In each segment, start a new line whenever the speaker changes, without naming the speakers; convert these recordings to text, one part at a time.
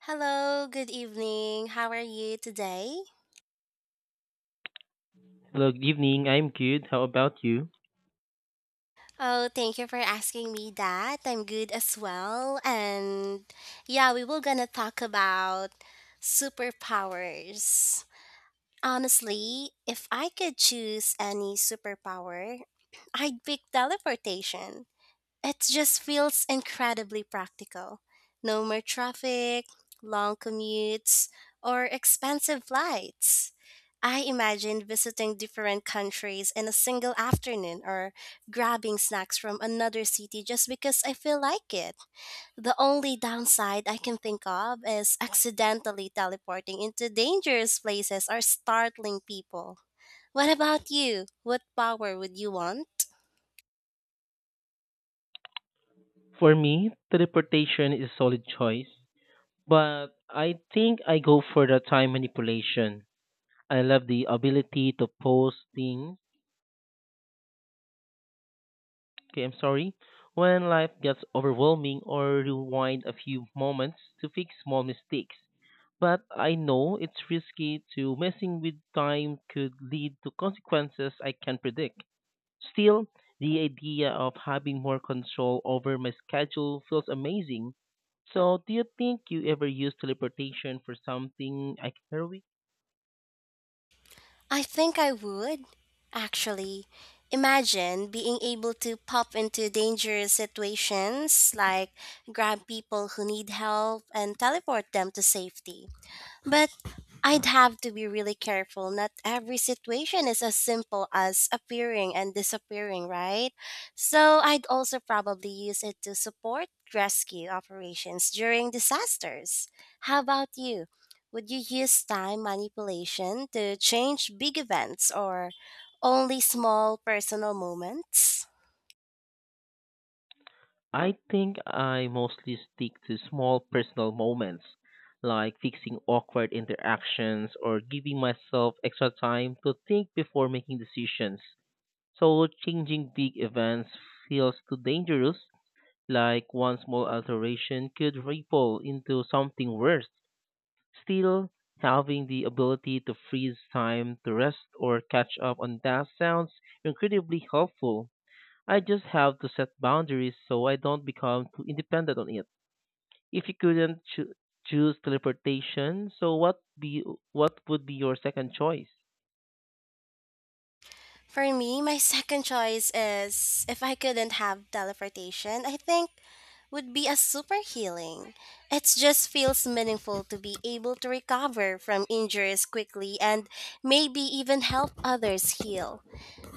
Hello, good evening. How are you today?
Hello, good evening. I'm good. How about you?
Oh, thank you for asking me that. I'm good as well. And yeah, we will gonna talk about superpowers. Honestly, if I could choose any superpower, I'd pick teleportation. It just feels incredibly practical. No more traffic, long commutes, or expensive flights. I imagined visiting different countries in a single afternoon or grabbing snacks from another city just because I feel like it. The only downside I can think of is accidentally teleporting into dangerous places or startling people. What about you? What power would you want?
For me, teleportation is a solid choice, but I think I go for the time manipulation. I love the ability to pause things. Okay, I'm sorry. When life gets overwhelming or rewind a few moments to fix small mistakes. But I know it's risky to messing with time could lead to consequences I can't predict. Still, the idea of having more control over my schedule feels amazing. So, do you think you ever use teleportation for something like
I think I would, actually. Imagine being able to pop into dangerous situations, like grab people who need help and teleport them to safety. But I'd have to be really careful. Not every situation is as simple as appearing and disappearing, right? So I'd also probably use it to support rescue operations during disasters. How about you? Would you use time manipulation to change big events or only small personal moments?
I think I mostly stick to small personal moments, like fixing awkward interactions or giving myself extra time to think before making decisions. So changing big events feels too dangerous, like one small alteration could ripple into something worse. Still, having the ability to freeze time to rest or catch up on tasks sounds incredibly helpful. I just have to set boundaries so I don't become too independent on it. If you couldn't cho- Choose teleportation, so what be what would be your second choice?
For me, my second choice is if I couldn't have teleportation, I think would be a super healing. It just feels meaningful to be able to recover from injuries quickly and maybe even help others heal.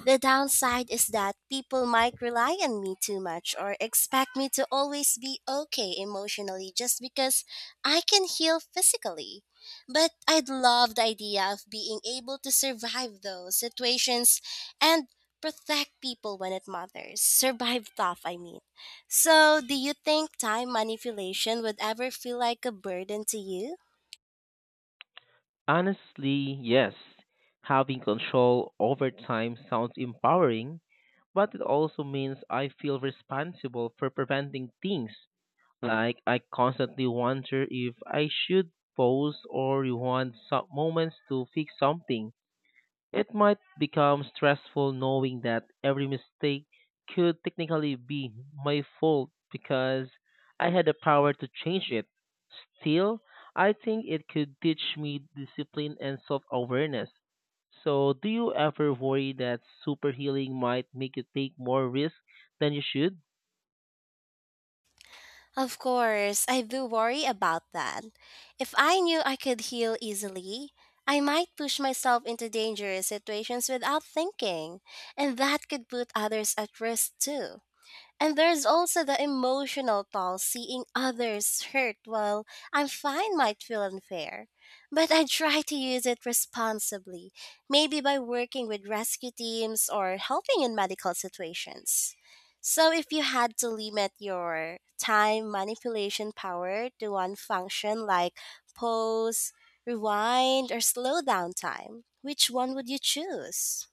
The downside is that people might rely on me too much or expect me to always be okay emotionally just because I can heal physically. But I'd love the idea of being able to survive those situations and protect people when it matters. Survive tough, I mean. So, do you think time manipulation would ever feel like a burden to you?
Honestly, yes. Having control over time sounds empowering, but it also means I feel responsible for preventing things. Like, I constantly wonder if I should pause or rewind some moments to fix something. It might become stressful knowing that every mistake could technically be my fault because I had the power to change it. Still, I think it could teach me discipline and self awareness. So, do you ever worry that super healing might make you take more risk than you should?
Of course, I do worry about that. If I knew I could heal easily, I might push myself into dangerous situations without thinking, and that could put others at risk too. And there's also the emotional toll seeing others hurt while I find might feel unfair. But I try to use it responsibly, maybe by working with rescue teams or helping in medical situations. So if you had to limit your time manipulation power to one function like pause, rewind, or slow down time, which one would you choose?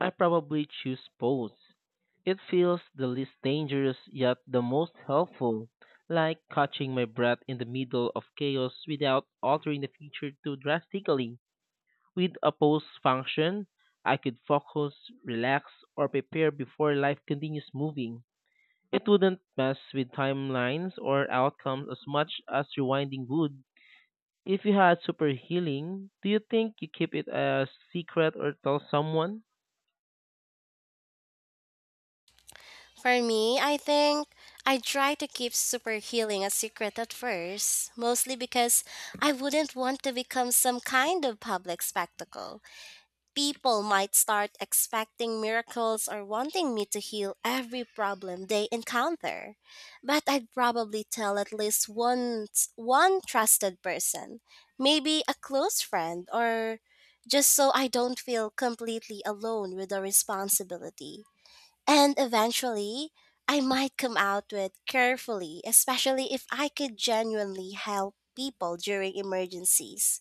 I probably choose pose. It feels the least dangerous yet the most helpful, like catching my breath in the middle of chaos without altering the future too drastically. With a pose function, I could focus, relax, or prepare before life continues moving. It wouldn't mess with timelines or outcomes as much as rewinding would. If you had super healing, do you think you keep it a secret or tell someone?
For me, I think I try to keep super healing a secret at first, mostly because I wouldn't want to become some kind of public spectacle. People might start expecting miracles or wanting me to heal every problem they encounter. But I'd probably tell at least one trusted person, maybe a close friend, or just so I don't feel completely alone with the responsibility. And eventually, I might come out with carefully, especially if I could genuinely help people during emergencies.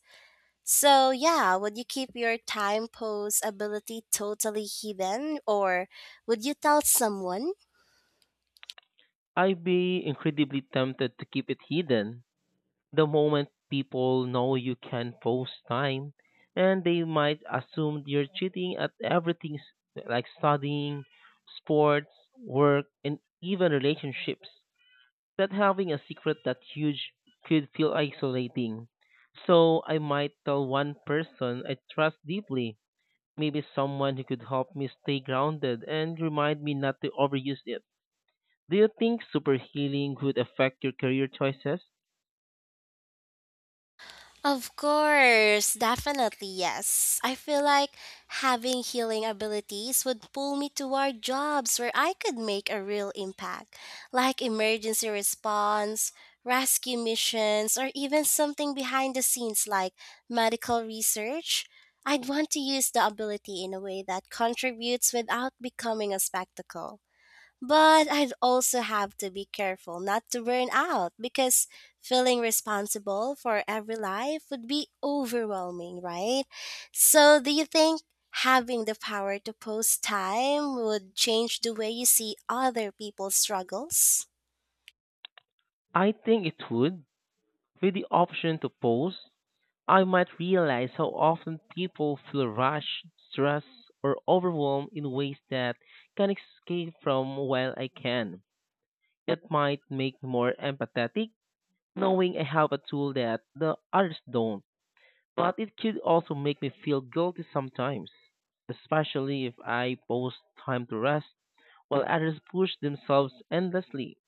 So, yeah, would you keep your time pose ability totally hidden or would you tell someone?
I'd be incredibly tempted to keep it hidden. The moment people know you can post time, and they might assume you're cheating at everything like studying, sports, work, and even relationships. That having a secret that huge could feel isolating. So I might tell one person I trust deeply, maybe someone who could help me stay grounded and remind me not to overuse it. Do you think super healing would affect your career choices?
Of course, definitely yes. I feel like having healing abilities would pull me toward jobs where I could make a real impact, like emergency response, rescue missions, or even something behind the scenes like medical research. I'd want to use the ability in a way that contributes without becoming a spectacle. But I'd also have to be careful not to burn out because feeling responsible for every life would be overwhelming, right? So, do you think having the power to post time would change the way you see other people's struggles?
I think it would. With the option to pause, I might realize how often people feel rushed, stressed, or overwhelmed in ways that can escape from while I can. It might make me more empathetic, knowing I have a tool that the others don't. But it could also make me feel guilty sometimes, especially if I post time to rest while others push themselves endlessly.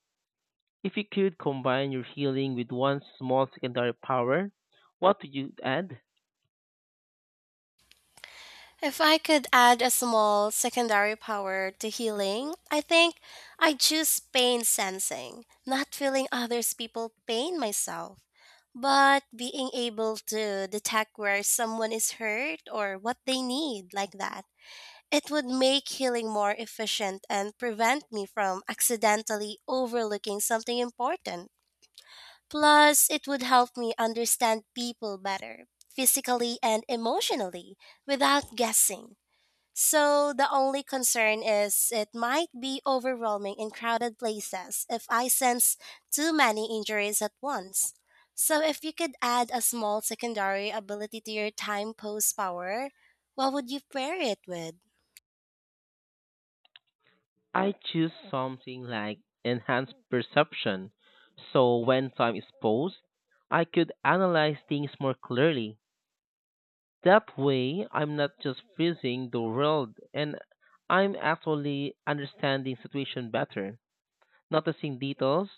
If you could combine your healing with one small secondary power, what would you add?
If I could add a small secondary power to healing, I think I'd choose pain sensing, not feeling others people pain myself, but being able to detect where someone is hurt or what they need like that. It would make healing more efficient and prevent me from accidentally overlooking something important. Plus, it would help me understand people better, physically and emotionally, without guessing. So the only concern is it might be overwhelming in crowded places if I sense too many injuries at once. So if you could add a small secondary ability to your time pose power, what would you pair it with?
I choose something like enhanced perception. So when time is paused, I could analyze things more clearly. That way, I'm not just freezing the world and I'm actually understanding situation better. Noticing details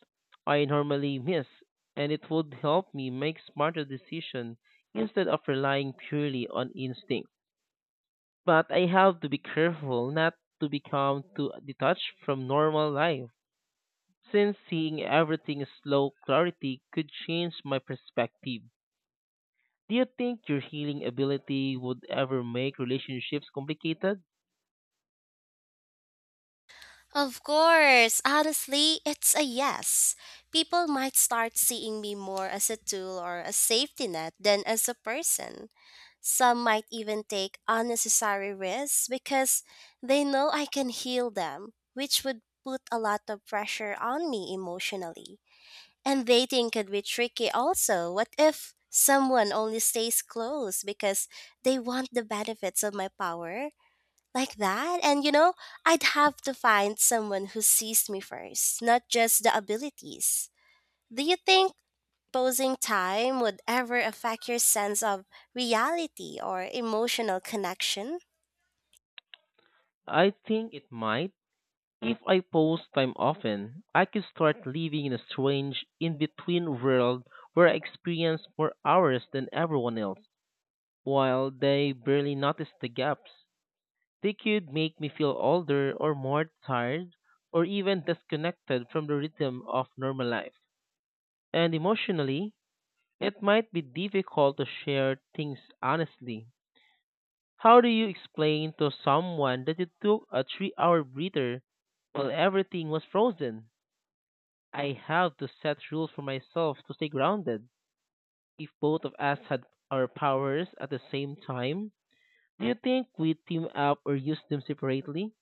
I normally miss, and it would help me make smarter decisions instead of relying purely on instinct. But I have to be careful not to become too detached from normal life, since seeing everything in slow clarity could change my perspective. Do you think your healing ability would ever make relationships complicated?
Of course, honestly, it's a yes. People might start seeing me more as a tool or a safety net than as a person. Some might even take unnecessary risks because they know I can heal them, which would put a lot of pressure on me emotionally. And dating could be tricky also. What if someone only stays close because they want the benefits of my power? Like that? And you know, I'd have to find someone who sees me first, not just the abilities. Do you think posing time would ever affect your sense of reality or emotional connection?
I think it might. If I post time often, I could start living in a strange in between world where I experience more hours than everyone else, while they barely notice the gaps. They could make me feel older or more tired or even disconnected from the rhythm of normal life. And emotionally, it might be difficult to share things honestly. How do you explain to someone that you took a 3 hour breather while everything was frozen? I have to set rules for myself to stay grounded. If both of us had our powers at the same time, do you think we'd team up or use them separately?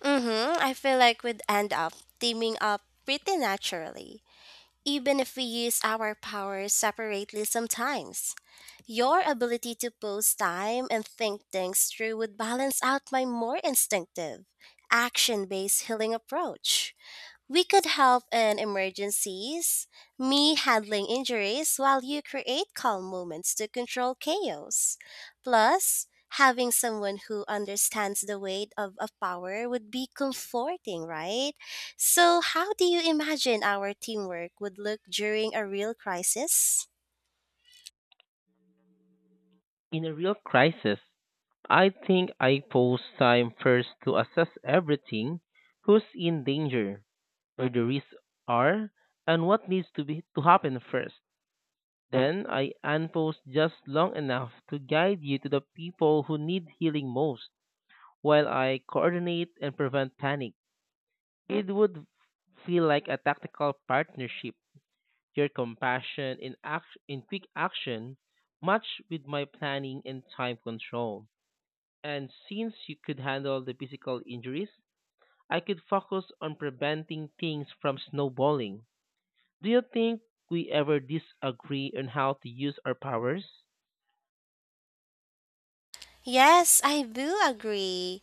Mm-hmm. I feel like we'd end up teaming up pretty naturally, even if we use our powers separately sometimes. Your ability to pose time and think things through would balance out my more instinctive, action based healing approach. We could help in emergencies, me handling injuries while you create calm moments to control chaos. Plus, having someone who understands the weight of a power would be comforting, right? So, how do you imagine our teamwork would look during a real crisis?
In a real crisis, I think I pause time first to assess everything, who's in danger, where the risks are, and what needs to be to happen first. Then I unpause just long enough to guide you to the people who need healing most, while I coordinate and prevent panic. It would feel like a tactical partnership. Your compassion in in quick action, much with my planning and time control. And since you could handle the physical injuries, I could focus on preventing things from snowballing. Do you think we ever disagree on how to use our powers?
Yes, I do agree.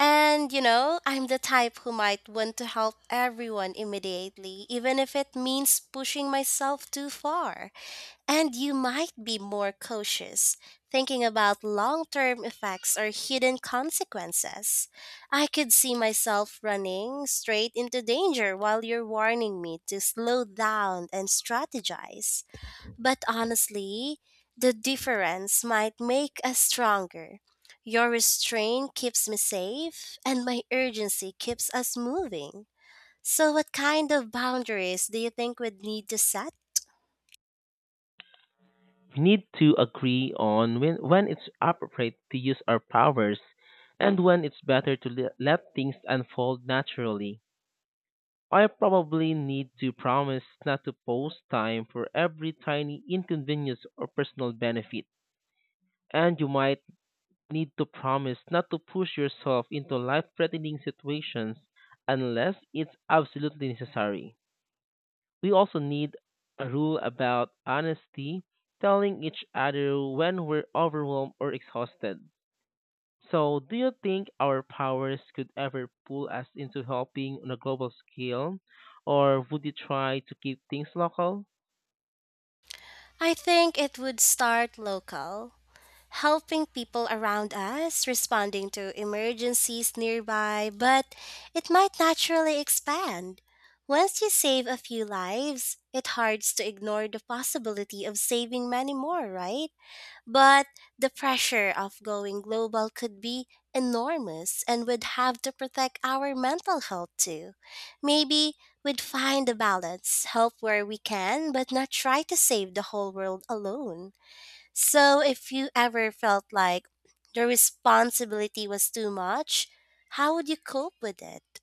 And you know, I'm the type who might want to help everyone immediately, even if it means pushing myself too far. And you might be more cautious, thinking about long term effects or hidden consequences. I could see myself running straight into danger while you're warning me to slow down and strategize. But honestly, the difference might make us stronger. Your restraint keeps me safe, and my urgency keeps us moving. So, what kind of boundaries do you think we'd need to set?
We need to agree on when it's appropriate to use our powers and when it's better to let things unfold naturally. I probably need to promise not to post time for every tiny inconvenience or personal benefit. And you might need to promise not to push yourself into life threatening situations unless it's absolutely necessary. We also need a rule about honesty, telling each other when we're overwhelmed or exhausted. So, do you think our powers could ever pull us into helping on a global scale, or would you try to keep things local?
I think it would start local, helping people around us, responding to emergencies nearby, but it might naturally expand. Once you save a few lives, it hurts to ignore the possibility of saving many more, right? But the pressure of going global could be enormous and would have to protect our mental health too. Maybe we'd find a balance, help where we can, but not try to save the whole world alone. So if you ever felt like the responsibility was too much, how would you cope with it?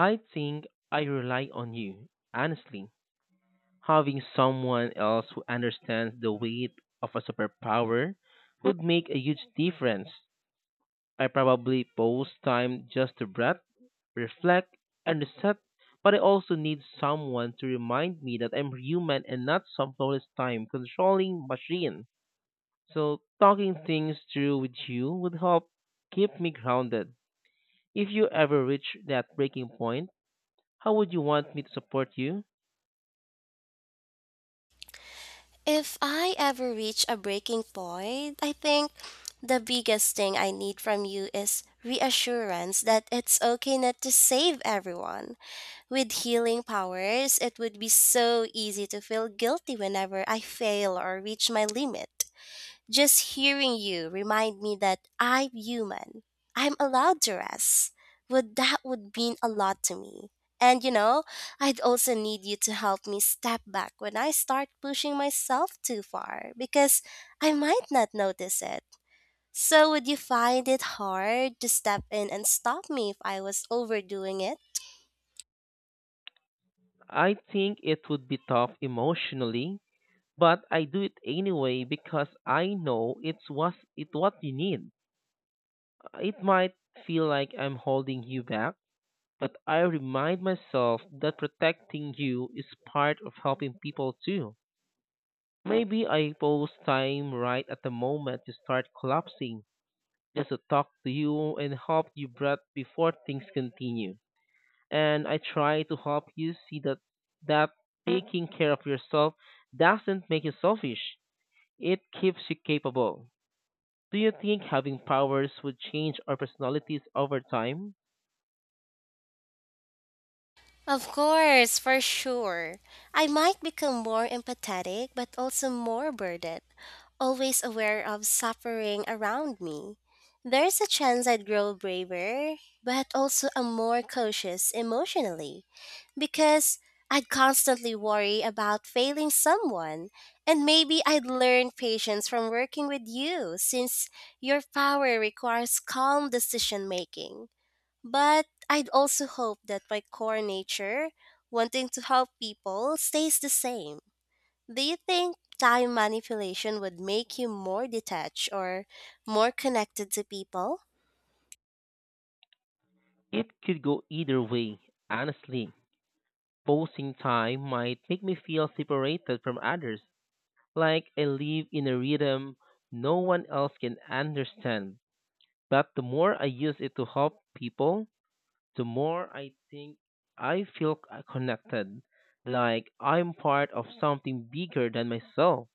I think I rely on you, honestly. Having someone else who understands the weight of a superpower would make a huge difference. I probably pause time just to breathe, reflect, and reset, but I also need someone to remind me that I'm human and not some flawless time controlling machine. So, talking things through with you would help keep me grounded. If you ever reach that breaking point, how would you want me to support you?
If I ever reach a breaking point, I think the biggest thing I need from you is reassurance that it's okay not to save everyone. With healing powers, it would be so easy to feel guilty whenever I fail or reach my limit. Just hearing you remind me that I'm human. I'm allowed to rest. Would that would mean a lot to me. And you know, I'd also need you to help me step back when I start pushing myself too far because I might not notice it. So would you find it hard to step in and stop me if I was overdoing it?
I think it would be tough emotionally, but I do it anyway because I know it's what it what you need. It might feel like I'm holding you back, but I remind myself that protecting you is part of helping people too. Maybe I post time right at the moment you start collapsing just to talk to you and help you breath before things continue. And I try to help you see that that taking care of yourself doesn't make you selfish. It keeps you capable. Do you think having powers would change our personalities over time?
Of course, for sure. I might become more empathetic, but also more burdened, always aware of suffering around me. There's a chance I'd grow braver, but also am more cautious emotionally, because I'd constantly worry about failing someone, and maybe I'd learn patience from working with you, since your power requires calm decision making. But I'd also hope that my core nature, wanting to help people, stays the same. Do you think time manipulation would make you more detached or more connected to people?
It could go either way, honestly. Posting time might make me feel separated from others, like I live in a rhythm no one else can understand. But the more I use it to help people, the more I think I feel connected, like I'm part of something bigger than myself.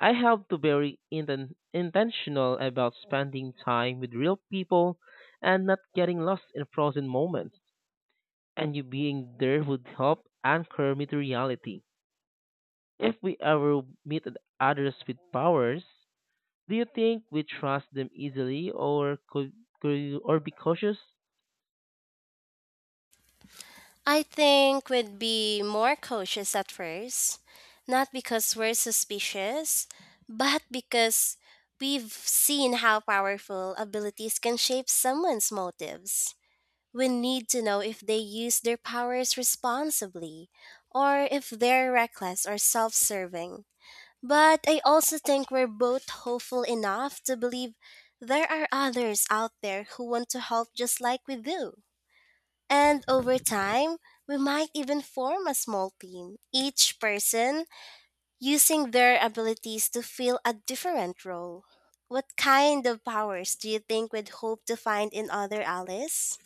I have to be very intentional about spending time with real people and not getting lost in frozen moments. And you being there would help anchor me to reality. If we ever meet others with powers, do you think we trust them easily or could or be cautious?
I think we'd be more cautious at first, not because we're suspicious, but because we've seen how powerful abilities can shape someone's motives. We need to know if they use their powers responsibly or if they're reckless or self serving. But I also think we're both hopeful enough to believe there are others out there who want to help just like we do. And over time, we might even form a small team, each person using their abilities to fill a different role. What kind of powers do you think we'd hope to find in other Alice?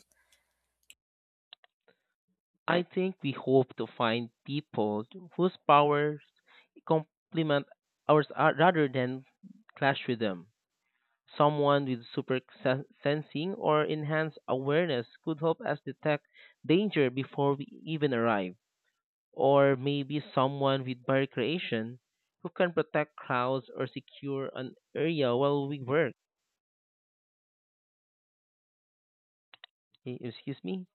I think we hope to find people whose powers complement ours rather than clash with them. Someone with super sensing or enhanced awareness could help us detect danger before we even arrive. Or maybe someone with barrier creation who can protect crowds or secure an area while we work. Excuse me?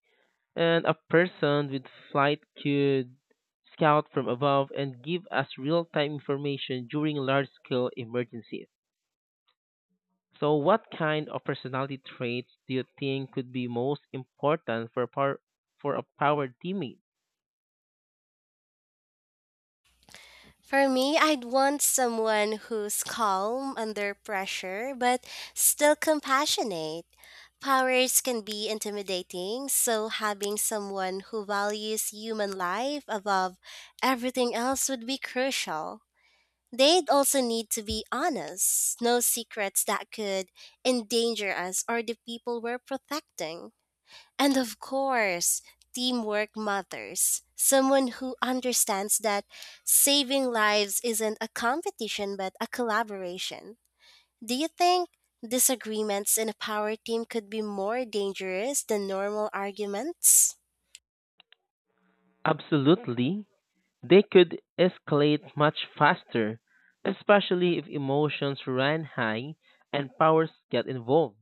And a person with flight could scout from above and give us real-time information during large-scale emergencies. So, what kind of personality traits do you think could be most important for a power teammate?
For me, I'd want someone who's calm under pressure but still compassionate. Powers can be intimidating, so having someone who values human life above everything else would be crucial. They'd also need to be honest, no secrets that could endanger us or the people we're protecting. And of course, teamwork matters. Someone who understands that saving lives isn't a competition but a collaboration. Do you think disagreements in a power team could be more dangerous than normal arguments?
Absolutely, they could escalate much faster, especially if emotions run high and powers get involved.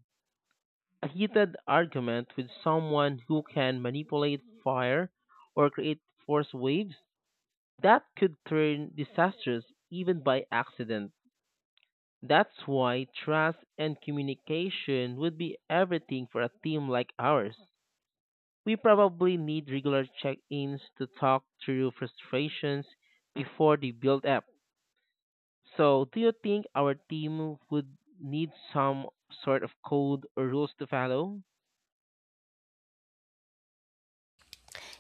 A heated argument with someone who can manipulate fire or create force waves that could turn disastrous even by accident. That's why trust and communication would be everything for a team like ours. We probably need regular check ins to talk through frustrations before they build up. So, do you think our team would need some sort of code or rules to follow?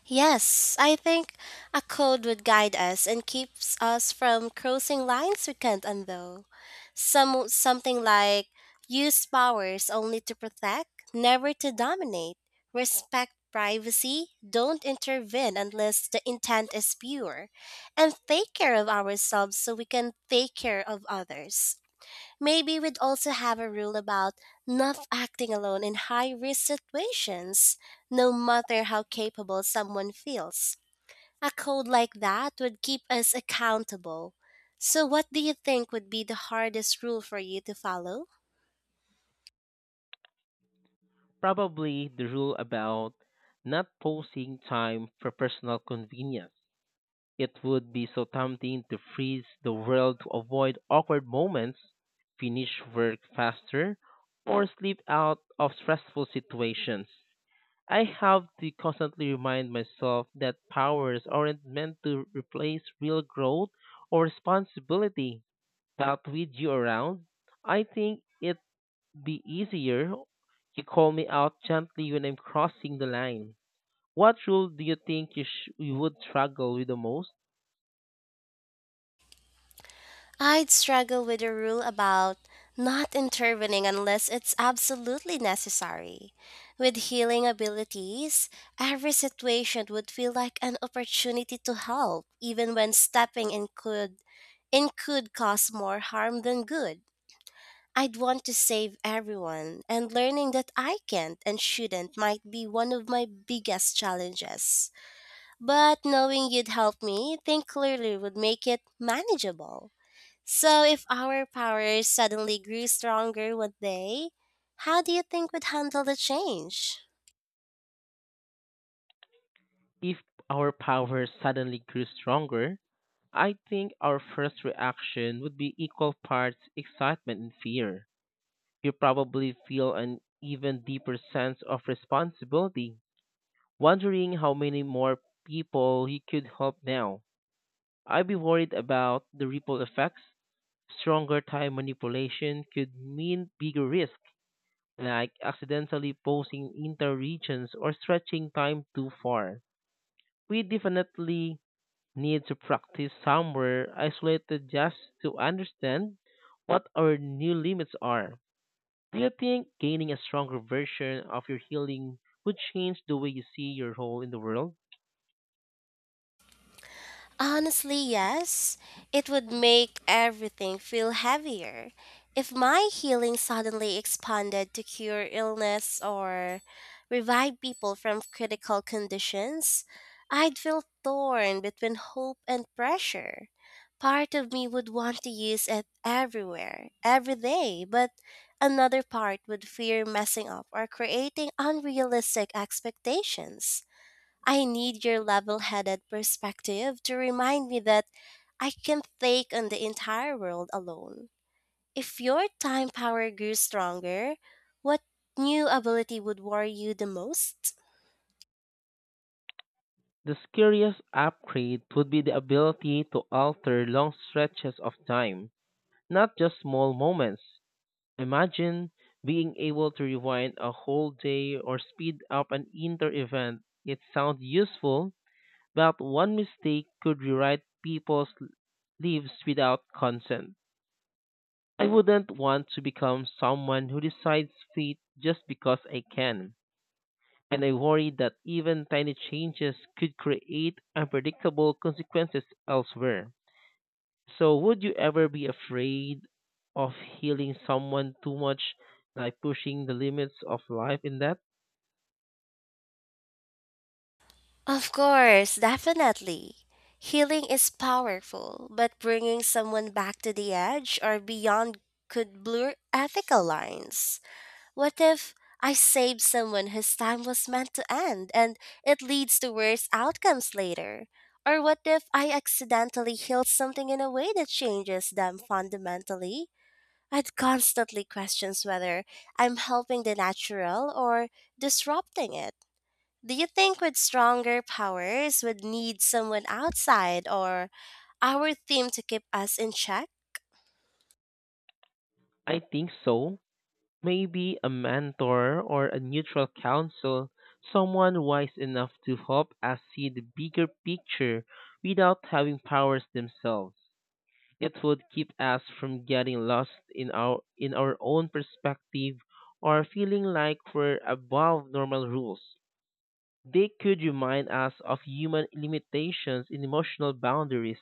Yes, I think a code would guide us and keeps us from crossing lines we can't undo. Some something like use powers only to protect, never to dominate. Respect privacy, don't intervene unless the intent is pure, and take care of ourselves so we can take care of others. Maybe we'd also have a rule about not acting alone in high risk situations, no matter how capable someone feels. A code like that would keep us accountable. So, what do you think would be the hardest rule for you to follow?
Probably the rule about not posting time for personal convenience. It would be so tempting to freeze the world to avoid awkward moments, finish work faster, or slip out of stressful situations. I have to constantly remind myself that powers aren't meant to replace real growth or responsibility. But with you around, I think it be easier. You call me out gently when I'm crossing the line. What rule do you think you would struggle with the most
I'd struggle with a rule about not intervening unless it's absolutely necessary. With healing abilities, every situation would feel like an opportunity to help, even when stepping in could cause more harm than good. I'd want to save everyone, and learning that I can't and shouldn't might be one of my biggest challenges. But knowing you'd help me think clearly would make it manageable. So, if our powers suddenly grew stronger one day, how do you think we'd handle the change?
if our power suddenly grew stronger? I think our first reaction would be equal parts excitement and fear. You probably feel an even deeper sense of responsibility, wondering how many more people you could help now. I'd be worried about the ripple effects. Stronger time manipulation could mean bigger risks, like accidentally posing inter-regions or stretching time too far. We definitely need to practice somewhere isolated just to understand what our new limits are. Do you think gaining a stronger version of your healing would change the way you see your role in the world?
Honestly, yes. It would make everything feel heavier. If my healing suddenly expanded to cure illness or revive people from critical conditions, I'd feel torn between hope and pressure. Part of me would want to use it everywhere, every day, but another part would fear messing up or creating unrealistic expectations. I need your level headed perspective to remind me that I can take on the entire world alone. If your time power grew stronger, what new ability would worry you the most?
The scariest upgrade would be the ability to alter long stretches of time, not just small moments. Imagine being able to rewind a whole day or speed up an inter event. It sounds useful, but one mistake could rewrite people's lives without consent. I wouldn't want to become someone who decides fate just because I can, and I worry that even tiny changes could create unpredictable consequences elsewhere. So, would you ever be afraid of healing someone too much, like pushing the limits of life in that?
Of course, definitely. Healing is powerful, but bringing someone back to the edge or beyond could blur ethical lines. What if I saved someone whose time was meant to end and it leads to worse outcomes later? Or what if I accidentally heal something in a way that changes them fundamentally? I'd constantly question whether I'm helping the natural or disrupting it. Do you think with stronger powers would need someone outside or our theme to keep us in check?
I think so. Maybe a mentor or a neutral counsel, someone wise enough to help us see the bigger picture without having powers themselves. It would keep us from getting lost in our own perspective or feeling like we're above normal rules. They could remind us of human limitations and emotional boundaries.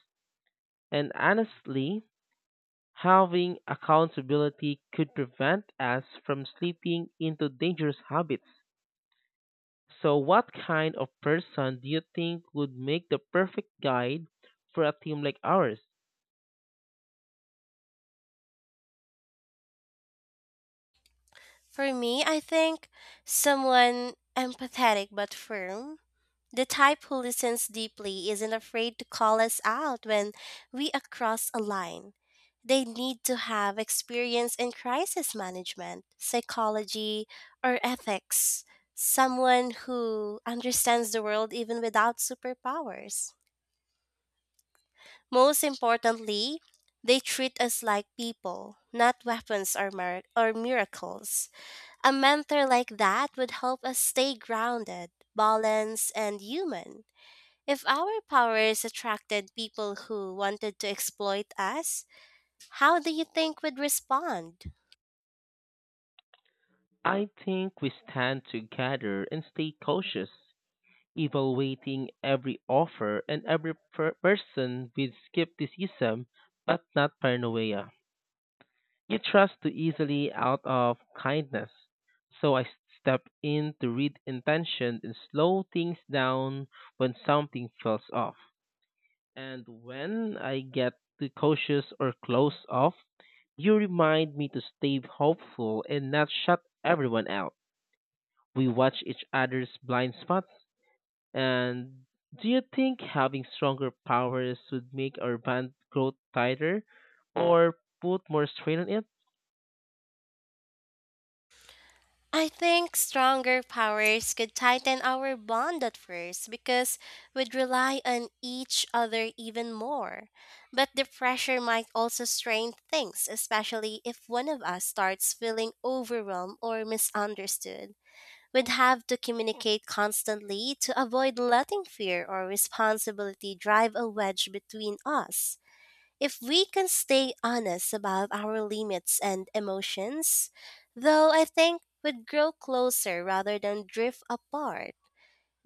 And honestly, having accountability could prevent us from slipping into dangerous habits. So, what kind of person do you think would make the perfect guide for a team like ours?
For me, I think someone empathetic but firm. The type who listens deeply isn't afraid to call us out when we are cross a line. They need to have experience in crisis management, psychology, or ethics. Someone who understands the world even without superpowers. Most importantly, they treat us like people, not weapons or miracles. A mentor like that would help us stay grounded, balanced, and human. If our powers attracted people who wanted to exploit us, how do you think we'd respond?
I think we stand together and stay cautious, evaluating every offer and every person with skepticism but not paranoia. You trust too easily out of kindness, so I step in to read intention and slow things down when something feels off. And when I get too cautious or close off, you remind me to stay hopeful and not shut everyone out. We watch each other's blind spots. And do you think having stronger powers would make our band grow tighter or put more strain on it?
I think stronger powers could tighten our bond at first because we'd rely on each other even more. But the pressure might also strain things, especially if one of us starts feeling overwhelmed or misunderstood. We'd have to communicate constantly to avoid letting fear or responsibility drive a wedge between us. If we can stay honest about our limits and emotions, though I think we'd grow closer rather than drift apart.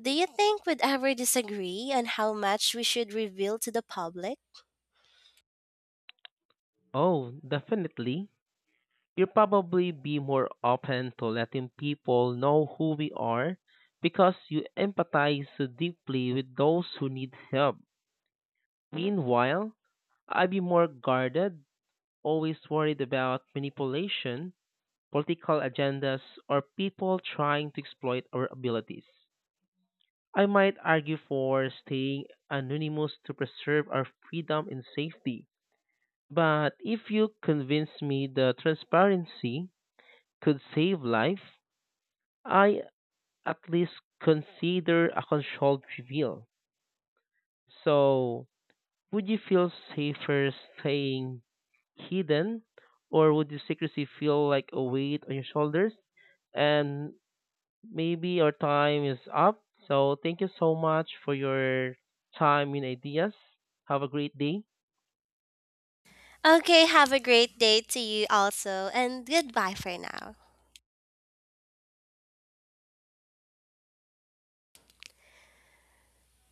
Do you think we'd ever disagree on how much we should reveal to the public?
Oh, definitely. You'll probably be more open to letting people know who we are because you empathize so deeply with those who need help. Meanwhile, I'd be more guarded, always worried about manipulation political agendas, or people trying to exploit our abilities. I might argue for staying anonymous to preserve our freedom and safety. But if you convince me the transparency could save life, I at least consider a controlled reveal. So, would you feel safer staying hidden, or would the secrecy feel like a weight on your shoulders? And maybe our time is up. So thank you so much for your time and ideas. Have a great day.
Okay, have a great day to you also, and goodbye for now.